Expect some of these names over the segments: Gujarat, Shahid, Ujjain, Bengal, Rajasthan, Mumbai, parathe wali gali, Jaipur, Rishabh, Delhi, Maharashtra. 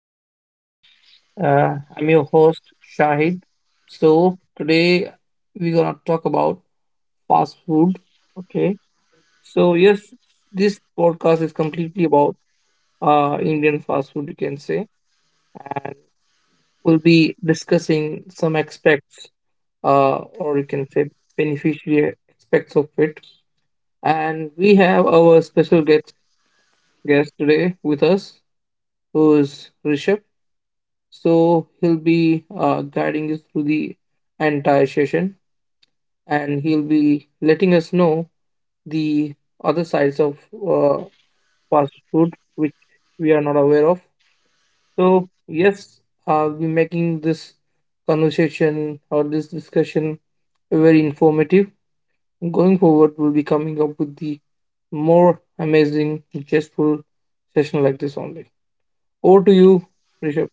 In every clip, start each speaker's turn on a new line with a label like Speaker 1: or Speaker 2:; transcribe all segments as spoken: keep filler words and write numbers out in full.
Speaker 1: my podcast. Uh, I'm your host, Shahid. So, today we're gonna talk about fast food. Okay. So, yes, this podcast is completely about uh, Indian fast food, you can say. We'll be discussing some aspects, uh, or you can say beneficiary aspects of it. And we have our special guest, guest today with us, who is Rishabh. So he'll be uh, guiding us through the entire session, and he'll be letting us know the other sides of uh, fast food, which we are not aware of. So, yes, I'll be making this conversation or this discussion very informative. Going forward, we'll be coming up with the more amazing, zestful session like this only. Over to you, Rishabh.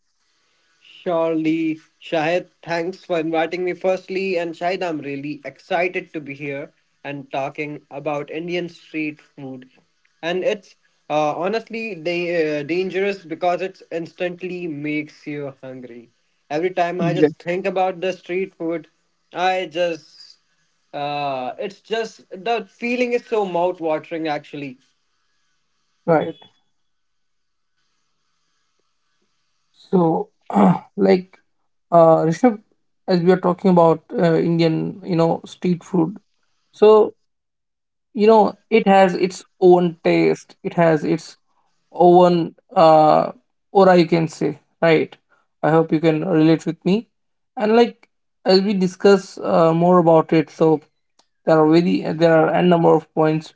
Speaker 2: Surely, Shahid, thanks for inviting me firstly. And Shahid, I'm really excited to be here and talking about Indian street food. And it's uh, honestly da- uh, dangerous because it instantly makes you hungry. Every time I
Speaker 1: Yeah.
Speaker 2: just think about the street food, I just, uh, it's just, the feeling is so mouth watering actually.
Speaker 1: Right. So, like, uh, Rishabh, as we are talking about uh, Indian, you know, street food. So, you know, it has its own taste. It has its own uh, aura, you can say, right? I hope you can relate with me. And like, as we discuss uh, more about it, so there are very there are a number of points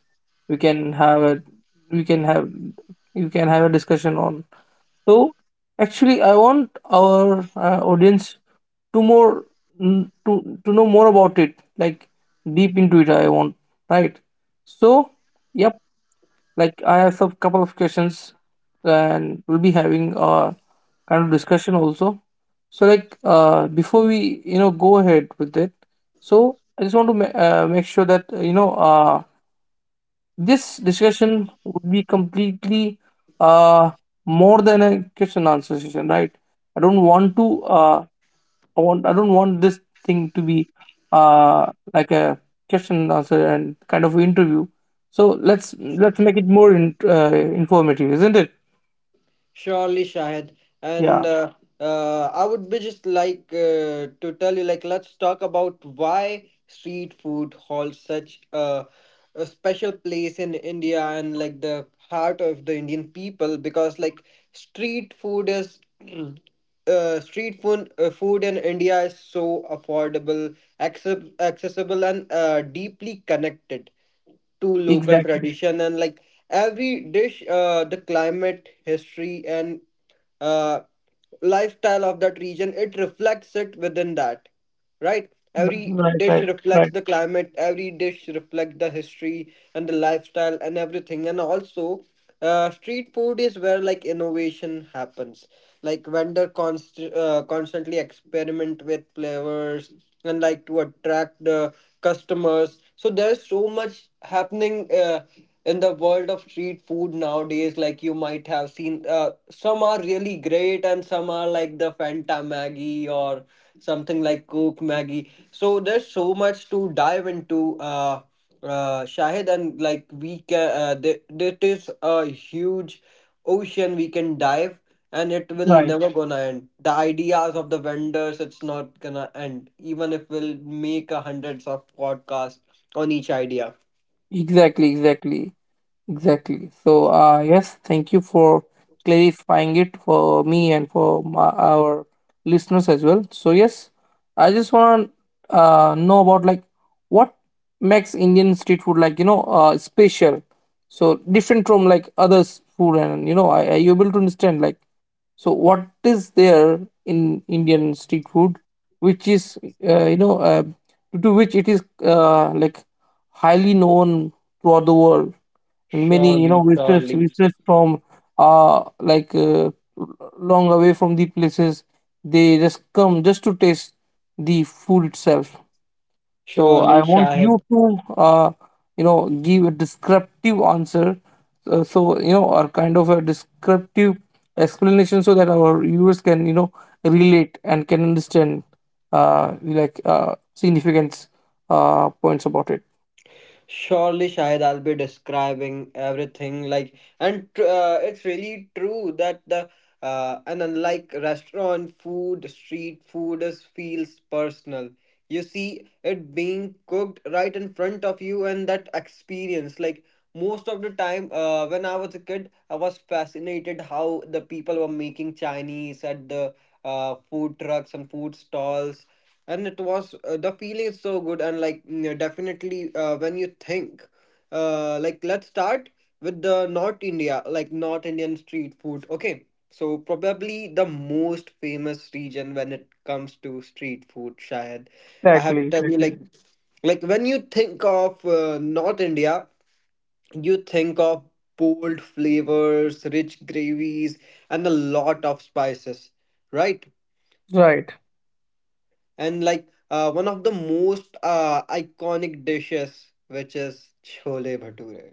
Speaker 1: we can have a we can have you can have a discussion on. So actually, I want our uh, audience to more mm, to to know more about it, like deep into it. I want Right. So yep, like I have some couple of questions, and we'll be having a kind of discussion also. So like uh, before we you know go ahead with it, so I just want to ma- uh, make sure that uh, you know uh, this discussion would be completely uh, more than a question answer session, right? I don't want to. Uh, I want. I don't want this thing to be uh, like a question answer and kind of interview. So let's let's make it more in, uh, informative, isn't it?
Speaker 2: Surely, Shahid. And
Speaker 1: Yeah,
Speaker 2: uh, uh, I would be just like uh, to tell you, like, let's talk about why street food holds such a, a special place in India and like the heart of the Indian people because, like, street food is. Uh, street food, uh, food in India is so affordable, access, accessible, and uh, deeply connected to local
Speaker 1: exactly.
Speaker 2: tradition, and like every dish, uh, the climate, history and uh, lifestyle of that region, it reflects it within that, right? Every
Speaker 1: Right,
Speaker 2: dish
Speaker 1: right,
Speaker 2: reflects
Speaker 1: right,
Speaker 2: the climate, every dish reflects the history and the lifestyle and everything. And also uh, street food is where like innovation happens, like vendor const- uh, constantly experiment with flavors and like to attract the customers. So there's so much happening uh, in the world of street food nowadays. Like you might have seen, uh, some are really great and some are like the fanta maggie or something like coke maggie. So there's so much to dive into, uh, uh, Shahid. And like we can, uh, th- it is a huge ocean we can dive, and it will
Speaker 1: right.
Speaker 2: never gonna end. The ideas of the vendors, it's not gonna end, even if we'll make a hundreds of podcasts on each idea.
Speaker 1: Exactly, exactly. Exactly. So, uh, yes, thank you for clarifying it for me and for my, our listeners as well. So, yes, I just want to uh, know about like what makes Indian street food, like, you know uh, special. So different from like others food, and you know, I are you able to understand, like, so what is there in Indian street food, which is uh, you know uh, to which it is uh, like highly known throughout the world. And many, you
Speaker 2: Surely,
Speaker 1: know, visitors,
Speaker 2: surely,
Speaker 1: visitors from uh like uh, long away from the places, they just come just to taste the food itself. So I
Speaker 2: Surely,
Speaker 1: want
Speaker 2: Shahid.
Speaker 1: you to uh you know give a descriptive answer, uh, so you know, or kind of a descriptive explanation so that our viewers can you know relate and can understand uh like uh significant uh points about it.
Speaker 2: Surely, Shahid, I'll be describing everything. Like, and tr- uh, it's really true that the uh, and unlike restaurant food, street food is feels personal. You see it being cooked right in front of you, and that experience. Like most of the time, uh, when I was a kid, I was fascinated how the people were making Chinese at the uh, food trucks and food stalls, and it was, uh, the feeling is so good. And like mm, definitely, uh, when you think, uh, like, let's start with the North India, like North Indian street food. Okay, so probably the most famous region when it comes to street food, Shahid. I have to
Speaker 1: Exactly,
Speaker 2: tell you,
Speaker 1: exactly.
Speaker 2: like like when you think of uh, North India, you think of bold flavors, rich gravies, and a lot of spices, right?
Speaker 1: Right,
Speaker 2: And like, uh, one of the most uh, iconic dishes, which is chole bhature,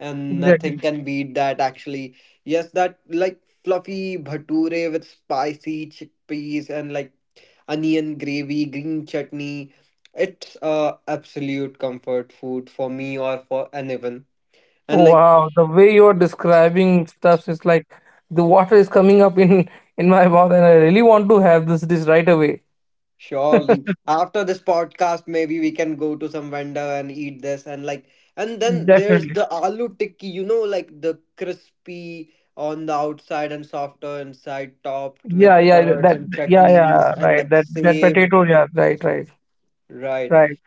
Speaker 2: and nothing
Speaker 1: exactly.
Speaker 2: can beat that actually. Yes, that, like fluffy bhature with spicy chickpeas and like onion gravy, green chutney. It's uh, absolute comfort food for me or for anyone. And like
Speaker 1: Wow, the way you're describing stuff is like the water is coming up in in my mouth, and I really want to have this dish right away.
Speaker 2: surely. After this podcast, maybe we can go to some vendor and eat this. And like, and then there's
Speaker 1: Definitely.
Speaker 2: the aloo tikki, you know, like the crispy on the outside and softer inside, topped with
Speaker 1: Yeah, yeah,
Speaker 2: curds
Speaker 1: that,
Speaker 2: and
Speaker 1: yeah,
Speaker 2: chutneys
Speaker 1: yeah,
Speaker 2: and
Speaker 1: right.
Speaker 2: like
Speaker 1: That that
Speaker 2: save.
Speaker 1: potato, yeah, right, right,
Speaker 2: Right.
Speaker 1: right,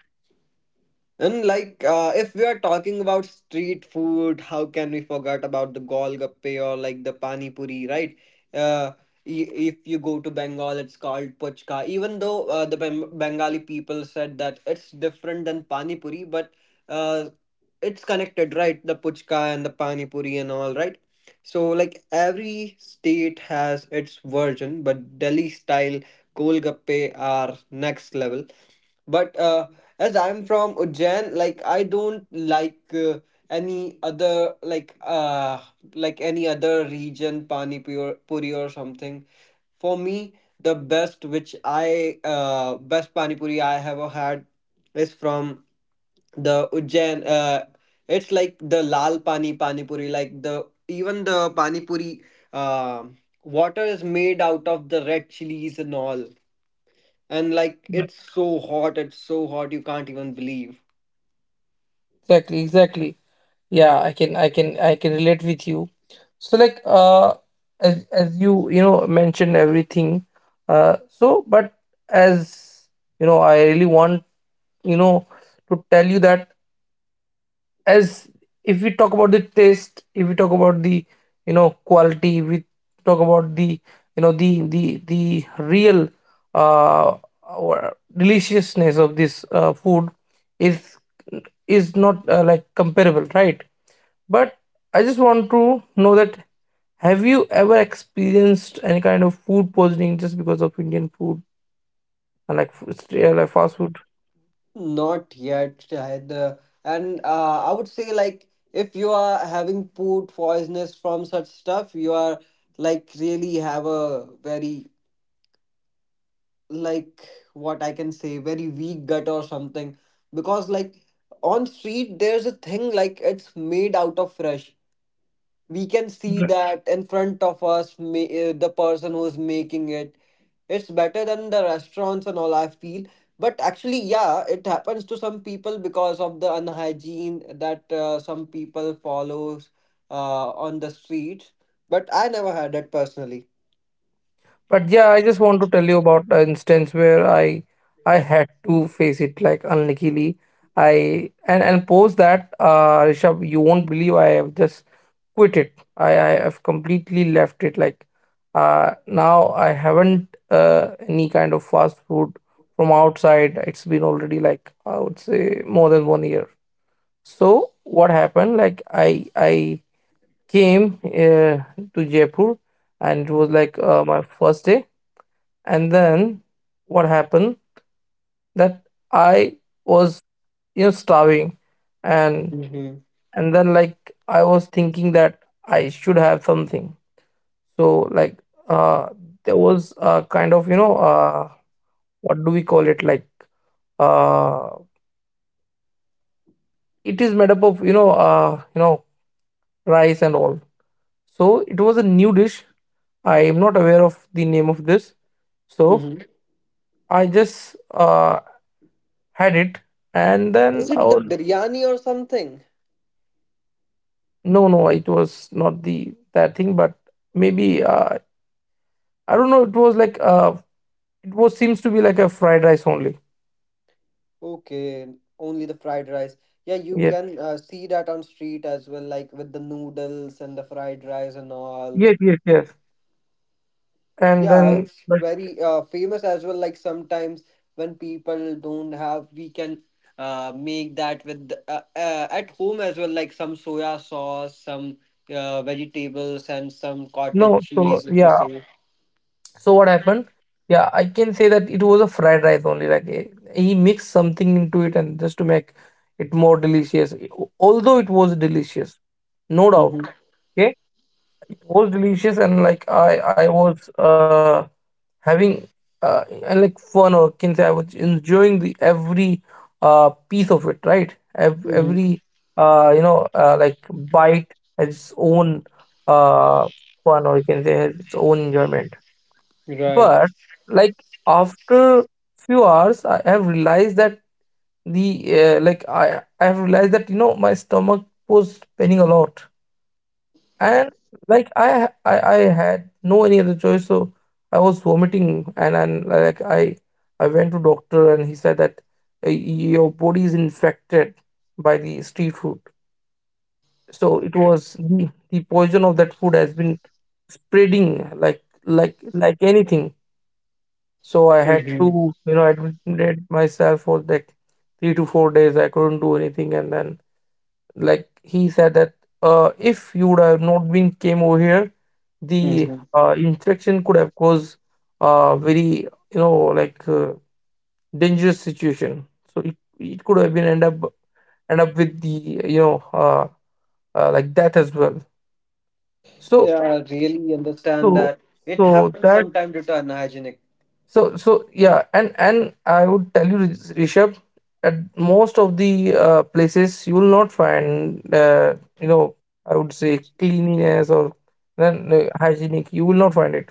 Speaker 2: And like, uh, if we are talking about street food, how can we forget about the golgappe or like the pani puri, right? Uh, i-
Speaker 1: right,
Speaker 2: if you go to Bengal, it's called puchka. Even though uh, the Beng- Bengali people said that it's different than pani puri, but uh, it's connected, right? The puchka and the pani puri and all, right? So like every state has its version, but Delhi style golgappe are next level. But uh, as I'm from Ujjain, like I don't like uh, any other like uh like any other region pani puri puri or something. For me, the best which I uh best pani puri I ever had is from the Ujjain. Uh, it's like the lal pani pani puri. Like the even the pani puri uh, water is made out of the red chilies and all, and like
Speaker 1: right.
Speaker 2: it's so hot, it's so hot you can't even believe.
Speaker 1: Exactly, exactly. Yeah, I can, I can, I can relate with you. So like, uh, as as you you know mentioned everything, uh, so but as you know, I really want you know to tell you that, as if we talk about the taste, if we talk about the, you know quality, if we talk about the, you know the the the real uh or deliciousness of this uh, food is is not uh, like comparable, right? But I just want to know that, have you ever experienced any kind of food poisoning just because of Indian food and like f- stray- like fast food?
Speaker 2: Not yet, Shahid. Uh, and uh, I would say like, if you are having food poisonous from such stuff, you are like really have a very, like, what I can say, very weak gut or something, because like, on street there's a thing, like it's made out of fresh, we can see that in front of us. Ma- uh, the person who's making it, it's better than the restaurants and all, I feel. But actually, yeah, it happens to some people because of the unhygiene that uh, some people follows uh, on the streets, but I never had it personally.
Speaker 1: But yeah, I just want to tell you about an instance where I I had to face it, like, unluckily. I and and post that, uh Rishabh, you won't believe, I have just quit it. I I have completely left it. Like uh now I haven't uh any kind of fast food from outside. It's been already, like, I would say more than one year. So what happened? Like I I came uh, to Jaipur, and it was like uh, my first day, and then what happened that I was you know starving, and
Speaker 2: hmm
Speaker 1: and then like I was thinking that I should have something. So like uh there was a kind of, you know uh what do we call it, like, uh it is made up of, you know uh you know rice and all. So it was a new dish, I am not aware of the name of this. So
Speaker 2: hmm
Speaker 1: I just uh had it, and
Speaker 2: Is
Speaker 1: then I
Speaker 2: it the
Speaker 1: was...
Speaker 2: biryani or something?
Speaker 1: No, no, it was not the that thing, but maybe, uh, I don't know. It was like, uh, it was seems to be like a fried rice only.
Speaker 2: Okay, only the fried rice. Yeah, you
Speaker 1: Yes,
Speaker 2: can uh, see that on street as well, like with the noodles and the fried rice and all.
Speaker 1: yes, yes, yes. And
Speaker 2: Yeah,
Speaker 1: then,
Speaker 2: it's
Speaker 1: but
Speaker 2: very uh, famous as well. Like sometimes when people don't have, we can uh, make that with uh, uh, at home as well. Like some soya sauce, some uh, vegetables, and some cottage
Speaker 1: no, so
Speaker 2: cheese, if you
Speaker 1: yeah.
Speaker 2: say.
Speaker 1: So what happened? Yeah, I can say that it was a fried rice only. Like, eh, he mixed something into it, and just to make it more delicious. Eh, al- Although it was delicious, no doubt.
Speaker 2: Mm-hmm.
Speaker 1: Okay, it was delicious, and like I, I was uh having uh, and like fun, or can say I was enjoying the every uh piece of it, right? Ev-
Speaker 2: Mm-hmm.
Speaker 1: Every uh you know uh, like bite has its own uh fun, or you can say has its own enjoyment.
Speaker 2: Right.
Speaker 1: But like after few hours, I have realized that the uh, like I I have realized that, you know my stomach was spinning a lot, and like I, ha- I I had no any other choice, so I was vomiting, and and like i i went to doctor, and he said that, uh, your body is infected by the street food. So it was the, the poison of that food has been spreading like like like anything. So I had
Speaker 2: Mm-hmm.
Speaker 1: to, you know admit myself for like three to four days. I couldn't do anything, and then like he said that, uh, if you would have not been came over here, the
Speaker 2: Mm-hmm.
Speaker 1: uh, infection could have caused a very, you know like, uh, dangerous situation. So it, it could have been end up end up with the, you know uh, uh, like, death as well. So
Speaker 2: Yeah, I really understand
Speaker 1: so
Speaker 2: that. It
Speaker 1: so
Speaker 2: happens
Speaker 1: that
Speaker 2: sometimes due to unhygienic.
Speaker 1: So so Yeah, and and I would tell you, Riz- Rishabh, at most of the uh, places you will not find, uh, you know, I would say, cleanliness or then, uh, hygienic. You will not find it,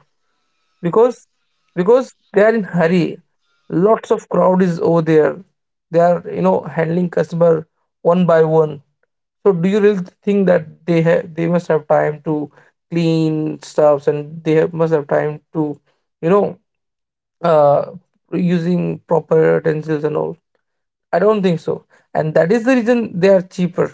Speaker 1: because because they are in hurry. Lots of crowd is over there. They are, you know handling customer one by one. So do you really think that they have they must have time to clean stuffs, and they have, must have time to, you know uh, using proper utensils and all? I don't think so. And that is the reason they are cheaper.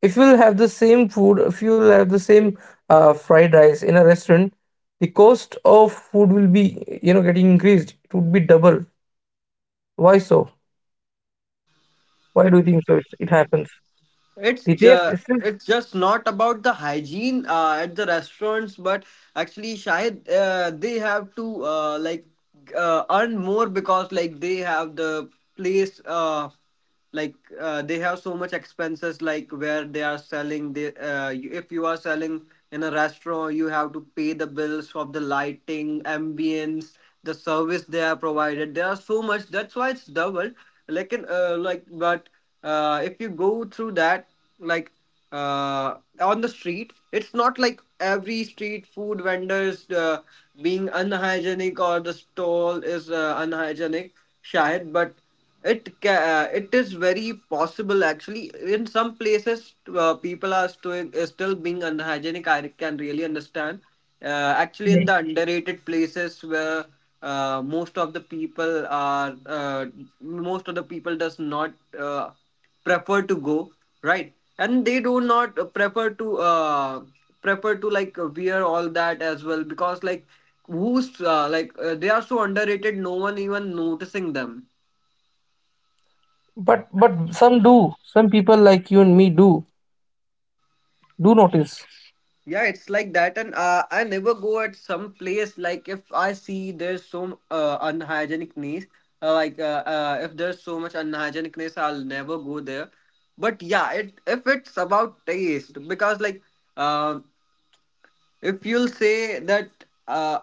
Speaker 1: If you'll have the same food, if you'll have the same uh, fried rice in a restaurant, the cost of food will be, you know, getting increased. It would be double. Why so? Why do
Speaker 2: It
Speaker 1: you think so? It's, it happens.
Speaker 2: it's
Speaker 1: The taste
Speaker 2: ju-
Speaker 1: is
Speaker 2: it's just not about the hygiene uh, at the restaurants, but actually, Shahid, uh, they have to, uh, like uh, earn more because like they have the place, uh, like uh, they have so much expenses, like where they are selling the, uh, you- if you are selling in a restaurant, you have to pay the bills for the lighting, ambience, the service they are provided. There are so much, that's why it's doubled. Like in uh, like, but uh, if you go through that, like, uh, on the street, it's not like every street food vendors uh, being unhygienic or the stall is uh, unhygienic, shayad. But it ca- uh, it is very possible, actually. In some places, uh, people are still, still being unhygienic, I can really understand. Uh, actually,
Speaker 1: Yeah.
Speaker 2: in the underrated places where, uh, most of the people are uh, most of the people does not uh, prefer to go, right? And they do not uh, prefer to uh, prefer to, like, uh, wear all that as well, because like, who's, uh, like uh, they are so underrated, no one even noticing them.
Speaker 1: but but some do. Some people like you and me do do notice.
Speaker 2: Yeah, it's like that. And uh, I never go at some place. Like if I see there's so uh, unhygienicness, uh, like uh, uh, if there's so much unhygienicness, I'll never go there. But yeah, it, if it's about taste, because like um if you'll say that, uh,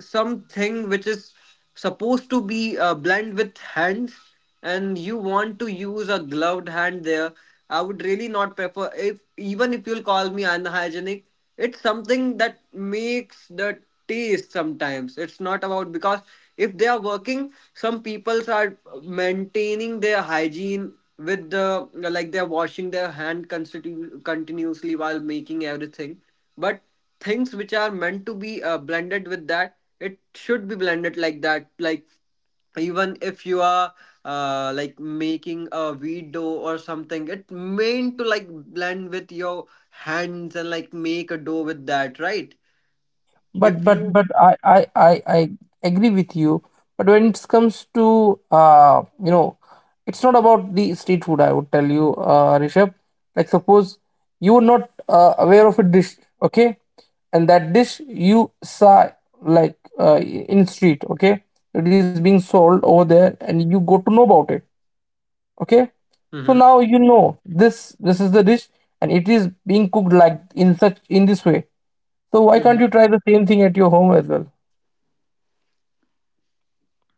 Speaker 2: something which is supposed to be uh, blend with hands, and you want to use a gloved hand there, I would really not prefer. If even if you'll call me unhygienic, it's something that makes the taste sometimes. It's not about, because if they are working, some peoples are maintaining their hygiene with the, like, they're washing their hand constitu- continuously while making everything. But things which are meant to be uh, blended with that, it should be blended like that. Like, even if you are, uh, like making a wheat dough or something, it meant to like blend with your hands and like make a dough with that, right? if
Speaker 1: But but
Speaker 2: you
Speaker 1: but I I I, I agree with you. But when it comes to, uh you know, it's not about the street food. I would tell you, uh, Rishabh. Like suppose you were not uh, aware of a dish, okay, and that dish you saw, like, uh, in street, okay, it is being sold over there, and you got to know about it. Okay, so
Speaker 2: Mhm.
Speaker 1: now you know, this this is the dish, and it is being cooked like in such in this way. So why can't you try the same thing at your home as well?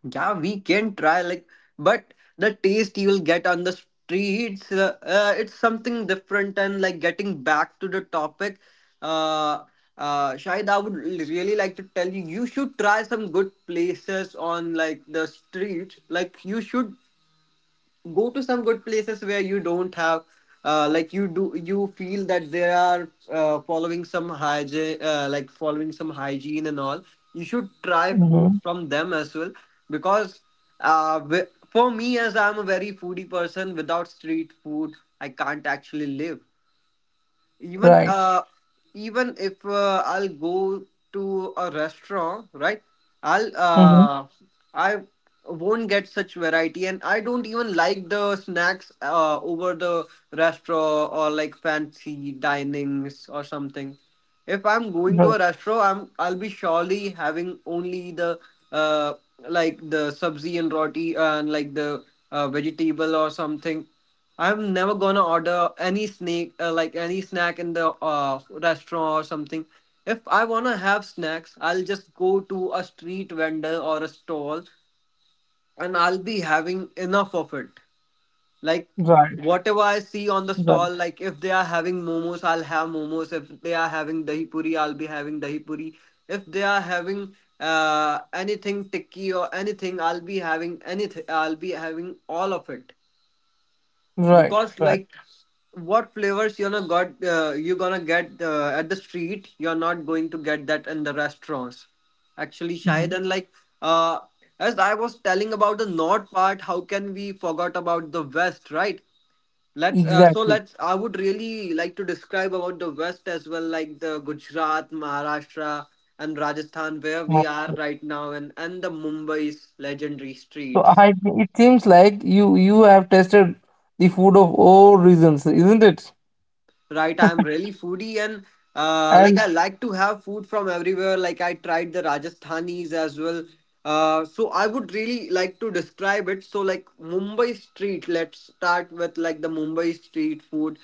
Speaker 2: Yeah, we can try, like, but the taste you will get on the streets, uh, uh, it's something different. And like, getting back to the topic, uh, uh, Shahid, I would really like to tell you, you should try some good places on like the streets. Like, you should go to some good places where you don't have, uh, like you do you feel that they are uh, following some hygiene uh, like following some hygiene and all. You should try
Speaker 1: Mm-hmm.
Speaker 2: food from them as well, because uh, wi- for me, as I'm a very foodie person, without street food I can't actually live. Even
Speaker 1: Right.
Speaker 2: uh even if uh, I'll go to a restaurant, right, i'll
Speaker 1: Hmm.
Speaker 2: uh I won't get such variety. And I don't even like the snacks uh over the restaurant or like fancy dinings or something. If I'm going to a restaurant, i'm I'll be surely having only the uh like the sabzi and roti and like the uh, vegetable or something. I'm never gonna order any snake, uh, like any snack in the uh, restaurant or something. If I wanna have snacks, I'll just go to a street vendor or a stall, and I'll be having enough of it. Like
Speaker 1: Right,
Speaker 2: whatever I see on the
Speaker 1: right, right,
Speaker 2: stall, like if they are having momos, I'll have momos. If they are having dahi puri, I'll be having dahi puri. If they are having uh anything tikki or anything, I'll be having anything. I'll be having all of it
Speaker 1: right,
Speaker 2: because
Speaker 1: right.
Speaker 2: like what flavors you're not got uh, you're gonna get uh, at the street, you're not going to get that in the restaurants actually, Shahid.
Speaker 1: Exactly.
Speaker 2: And like uh, as I was telling about the north part, how can we forgot about the west, right? let's uh, so
Speaker 1: Exactly.
Speaker 2: let's I would really like to describe about the west as well, like the Gujarat, Maharashtra, and Rajasthan, where
Speaker 1: Uh,
Speaker 2: we are right now, and and the Mumbai's legendary
Speaker 1: so
Speaker 2: streets.
Speaker 1: I it seems like you you have tested the food of all reasons, isn't it?
Speaker 2: Right, I'm really foodie, and uh, like I
Speaker 1: And
Speaker 2: like to have food from everywhere. Like I tried the Rajasthanis as well. Uh, so I would really like to describe it. So like mumbai street let's start with like the Mumbai street food.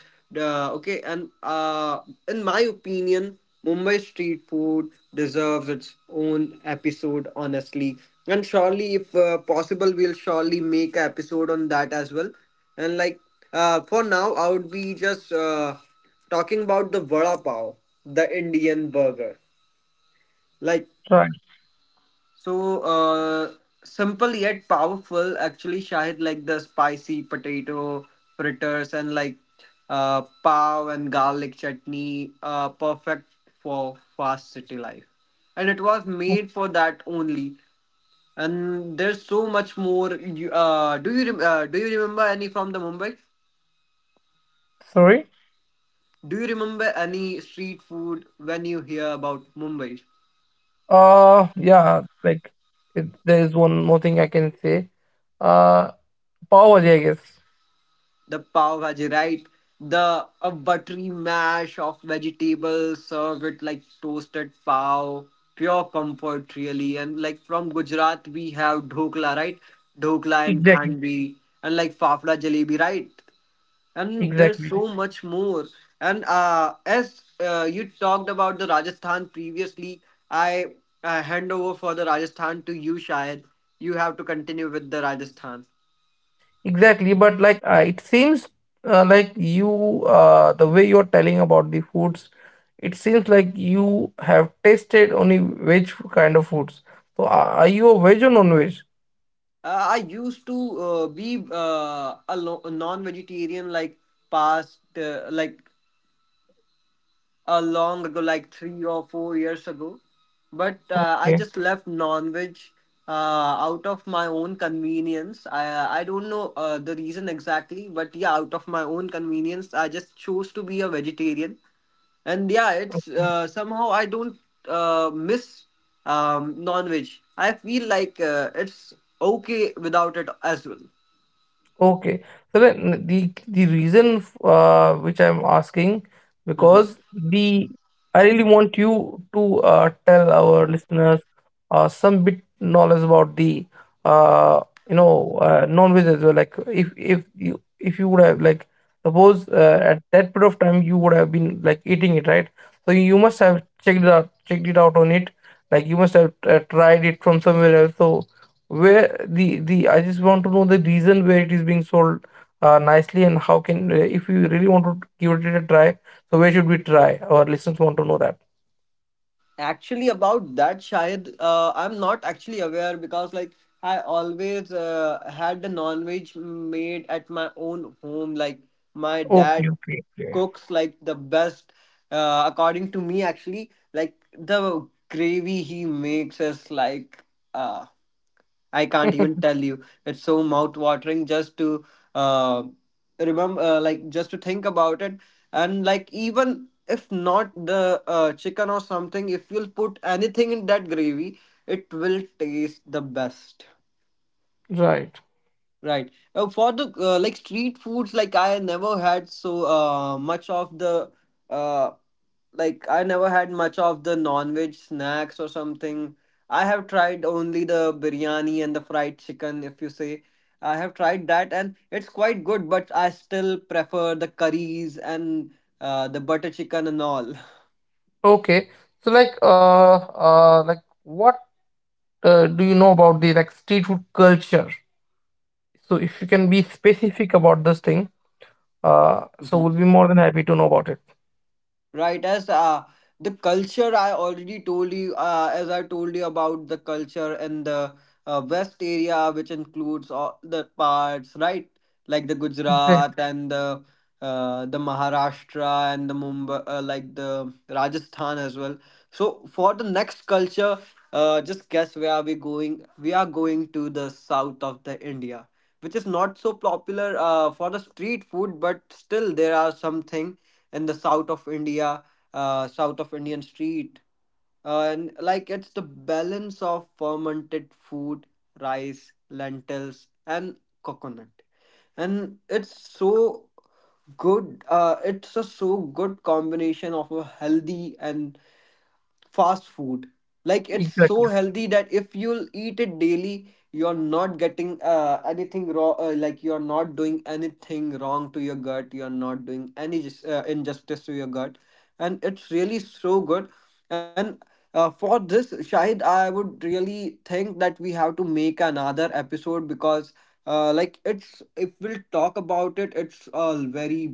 Speaker 2: Uh, okay and uh, in my opinion, Mumbai street food deserves its own episode, honestly. And surely if uh, possible, we'll surely make an episode on that as well. And like uh, for now, I would be just uh, talking about the vada pav, the Indian burger. Like
Speaker 1: right.
Speaker 2: so, uh, Simple yet powerful. Actually, Shahid, like the spicy potato fritters and like uh, pav and garlic chutney, uh, perfect for fast city life. And it was made for that only. And there's so much more. You, uh, do you rem- uh, do you remember any from the Mumbai?
Speaker 1: Sorry.
Speaker 2: Do you remember any street food when you hear about Mumbai?
Speaker 1: Uh yeah, like, it, there is one more thing I can say. uh Power, I guess.
Speaker 2: The pav bhaji, right? The a buttery mash of vegetables served with like toasted pav, pure comfort really. And like from Gujarat we have dhokla, right? Dhokla and
Speaker 1: Exactly,
Speaker 2: khandvi, and like fafda jalebi, right? And there's
Speaker 1: exactly,
Speaker 2: so much more. And uh, as uh, you talked about the Rajasthan previously. I uh, hand over for the Rajasthan to you, Shahid. You have to continue with the Rajasthan.
Speaker 1: exactly. But like, uh, it seems, uh, like, you, uh, the way you're telling about the foods, it seems like you have tasted only veg kind of foods. So, are are you a veg or non-veg?
Speaker 2: Uh, i used to uh, be uh, a lo- a non-vegetarian, like past uh, like a long ago, like three or four years ago. But uh, I
Speaker 1: Okay.
Speaker 2: just left non-veg uh, out of my own convenience. I I don't know uh, the reason exactly, but yeah, out of my own convenience, I just chose to be a vegetarian. And yeah, it's uh, somehow I don't uh, miss um, non-veg. I feel like uh, it's okay without it as well.
Speaker 1: Okay. So then the the reason, f- uh, which I'm asking,
Speaker 2: Mm-hmm.
Speaker 1: because the I really want you to, uh, tell our listeners, uh, some bit knowledge about the, uh, you know uh, non-veg as well. Like, if if you if you would have, like, suppose, uh, at that period of time you would have been, like, eating it, right? So you must have checked it out checked it out on it. Like you must have uh, tried it from somewhere else. So where the the I just want to know the reason where it is being sold, uh, nicely, and how can, uh, if you really want to give it a try, so where should we try? Our listeners want to know that.
Speaker 2: Actually, about that, Shahid, uh, I'm not actually aware because, like, I always uh, had the non-veg made at my own home. Like, my
Speaker 1: Okay,
Speaker 2: dad
Speaker 1: okay,
Speaker 2: cooks like the best, uh, according to me, actually. Like, the gravy he makes is like, uh, I can't
Speaker 1: okay.
Speaker 2: even tell you. It's so mouth-watering just to uh, remember, uh, like just to think about it, and like even if not the uh, chicken or something, if you'll put anything in that gravy, it will taste the best.
Speaker 1: Right.
Speaker 2: Right. Uh, for the uh, like street foods, like I never had so uh much of the uh like I never had much of the non-veg snacks or something. I have tried only the biryani and the fried chicken, if you say. I have tried that and it's quite good, but I still prefer the curries and uh, the butter chicken and all.
Speaker 1: Okay. So like, uh uh like what, uh, do you know about the, like, street food culture? So if you can be specific about this thing, uh so we'll be more than happy to know about it.
Speaker 2: Right, as uh, the culture I already told you, uh, as I told you about the culture in the uh, West area, which includes all the parts, right? Like the Gujarat
Speaker 1: Exactly.
Speaker 2: and the uh, the Maharashtra and the Mumbai, uh, like the Rajasthan as well. So for the next culture, uh, just guess where are we going? We are going to the south of the India, which is not so popular uh, for the street food, but still there are something in the south of India, uh, south of Indian street. Uh, and like it's the balance of fermented food, rice, lentils, and coconut. And it's so good. Uh, it's a so good combination of a healthy and fast food, like it's so
Speaker 1: Exactly.
Speaker 2: healthy that if you'll eat it daily, you're not getting uh, anything wrong, uh, like you're not doing anything wrong to your gut. You're not doing any jus- uh, injustice to your gut and it's really so good. And uh, for this, Shahid, I would really think that we have to make another episode because uh, like it's if we'll talk about it, it's a very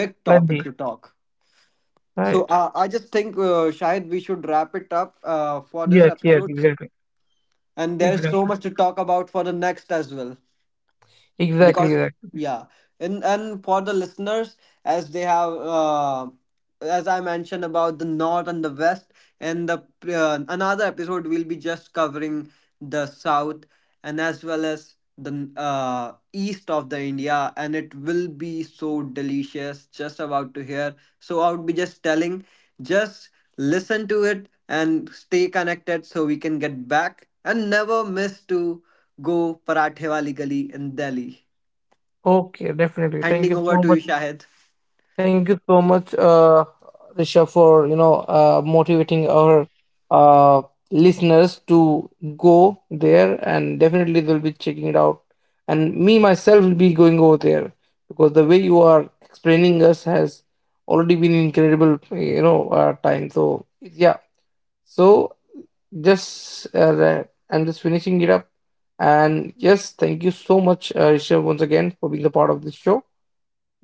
Speaker 2: big topic to
Speaker 1: Let's
Speaker 2: talk. So
Speaker 1: Right.
Speaker 2: uh, I just think, uh, Shahid, we should wrap it up uh, for
Speaker 1: Yes,
Speaker 2: this
Speaker 1: yes,
Speaker 2: episode.
Speaker 1: exactly.
Speaker 2: And there's so
Speaker 1: Exactly.
Speaker 2: much to talk about for the next as well
Speaker 1: Exactly,
Speaker 2: because
Speaker 1: exactly.
Speaker 2: yeah. And and for the listeners, as they have uh, as I mentioned about the north and the west and the uh, another episode will be just covering the south and as well as the uh, east of the India, and it will be so delicious just about to hear. So I would be just telling, just listen to it and stay connected so we can get back and never miss to go parathe wali gali in Delhi.
Speaker 1: Okay, definitely. Thank
Speaker 2: Handing
Speaker 1: you
Speaker 2: over
Speaker 1: so
Speaker 2: to you,
Speaker 1: much.
Speaker 2: Shahid.
Speaker 1: Thank you so much, uh, Risha, for, you know uh, motivating our, uh, listeners to go there, and definitely they'll be checking it out. And me myself will be going over there, because the way you are explaining us has already been incredible, you know, uh, time. So yeah. So just, uh, the- I'm just finishing it up. And yes, thank you so much, uh, Risha, once again for being a part of this show.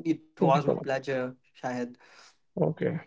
Speaker 2: It was
Speaker 1: Thank you
Speaker 2: my
Speaker 1: so much.
Speaker 2: pleasure, Shahid.
Speaker 1: Okay.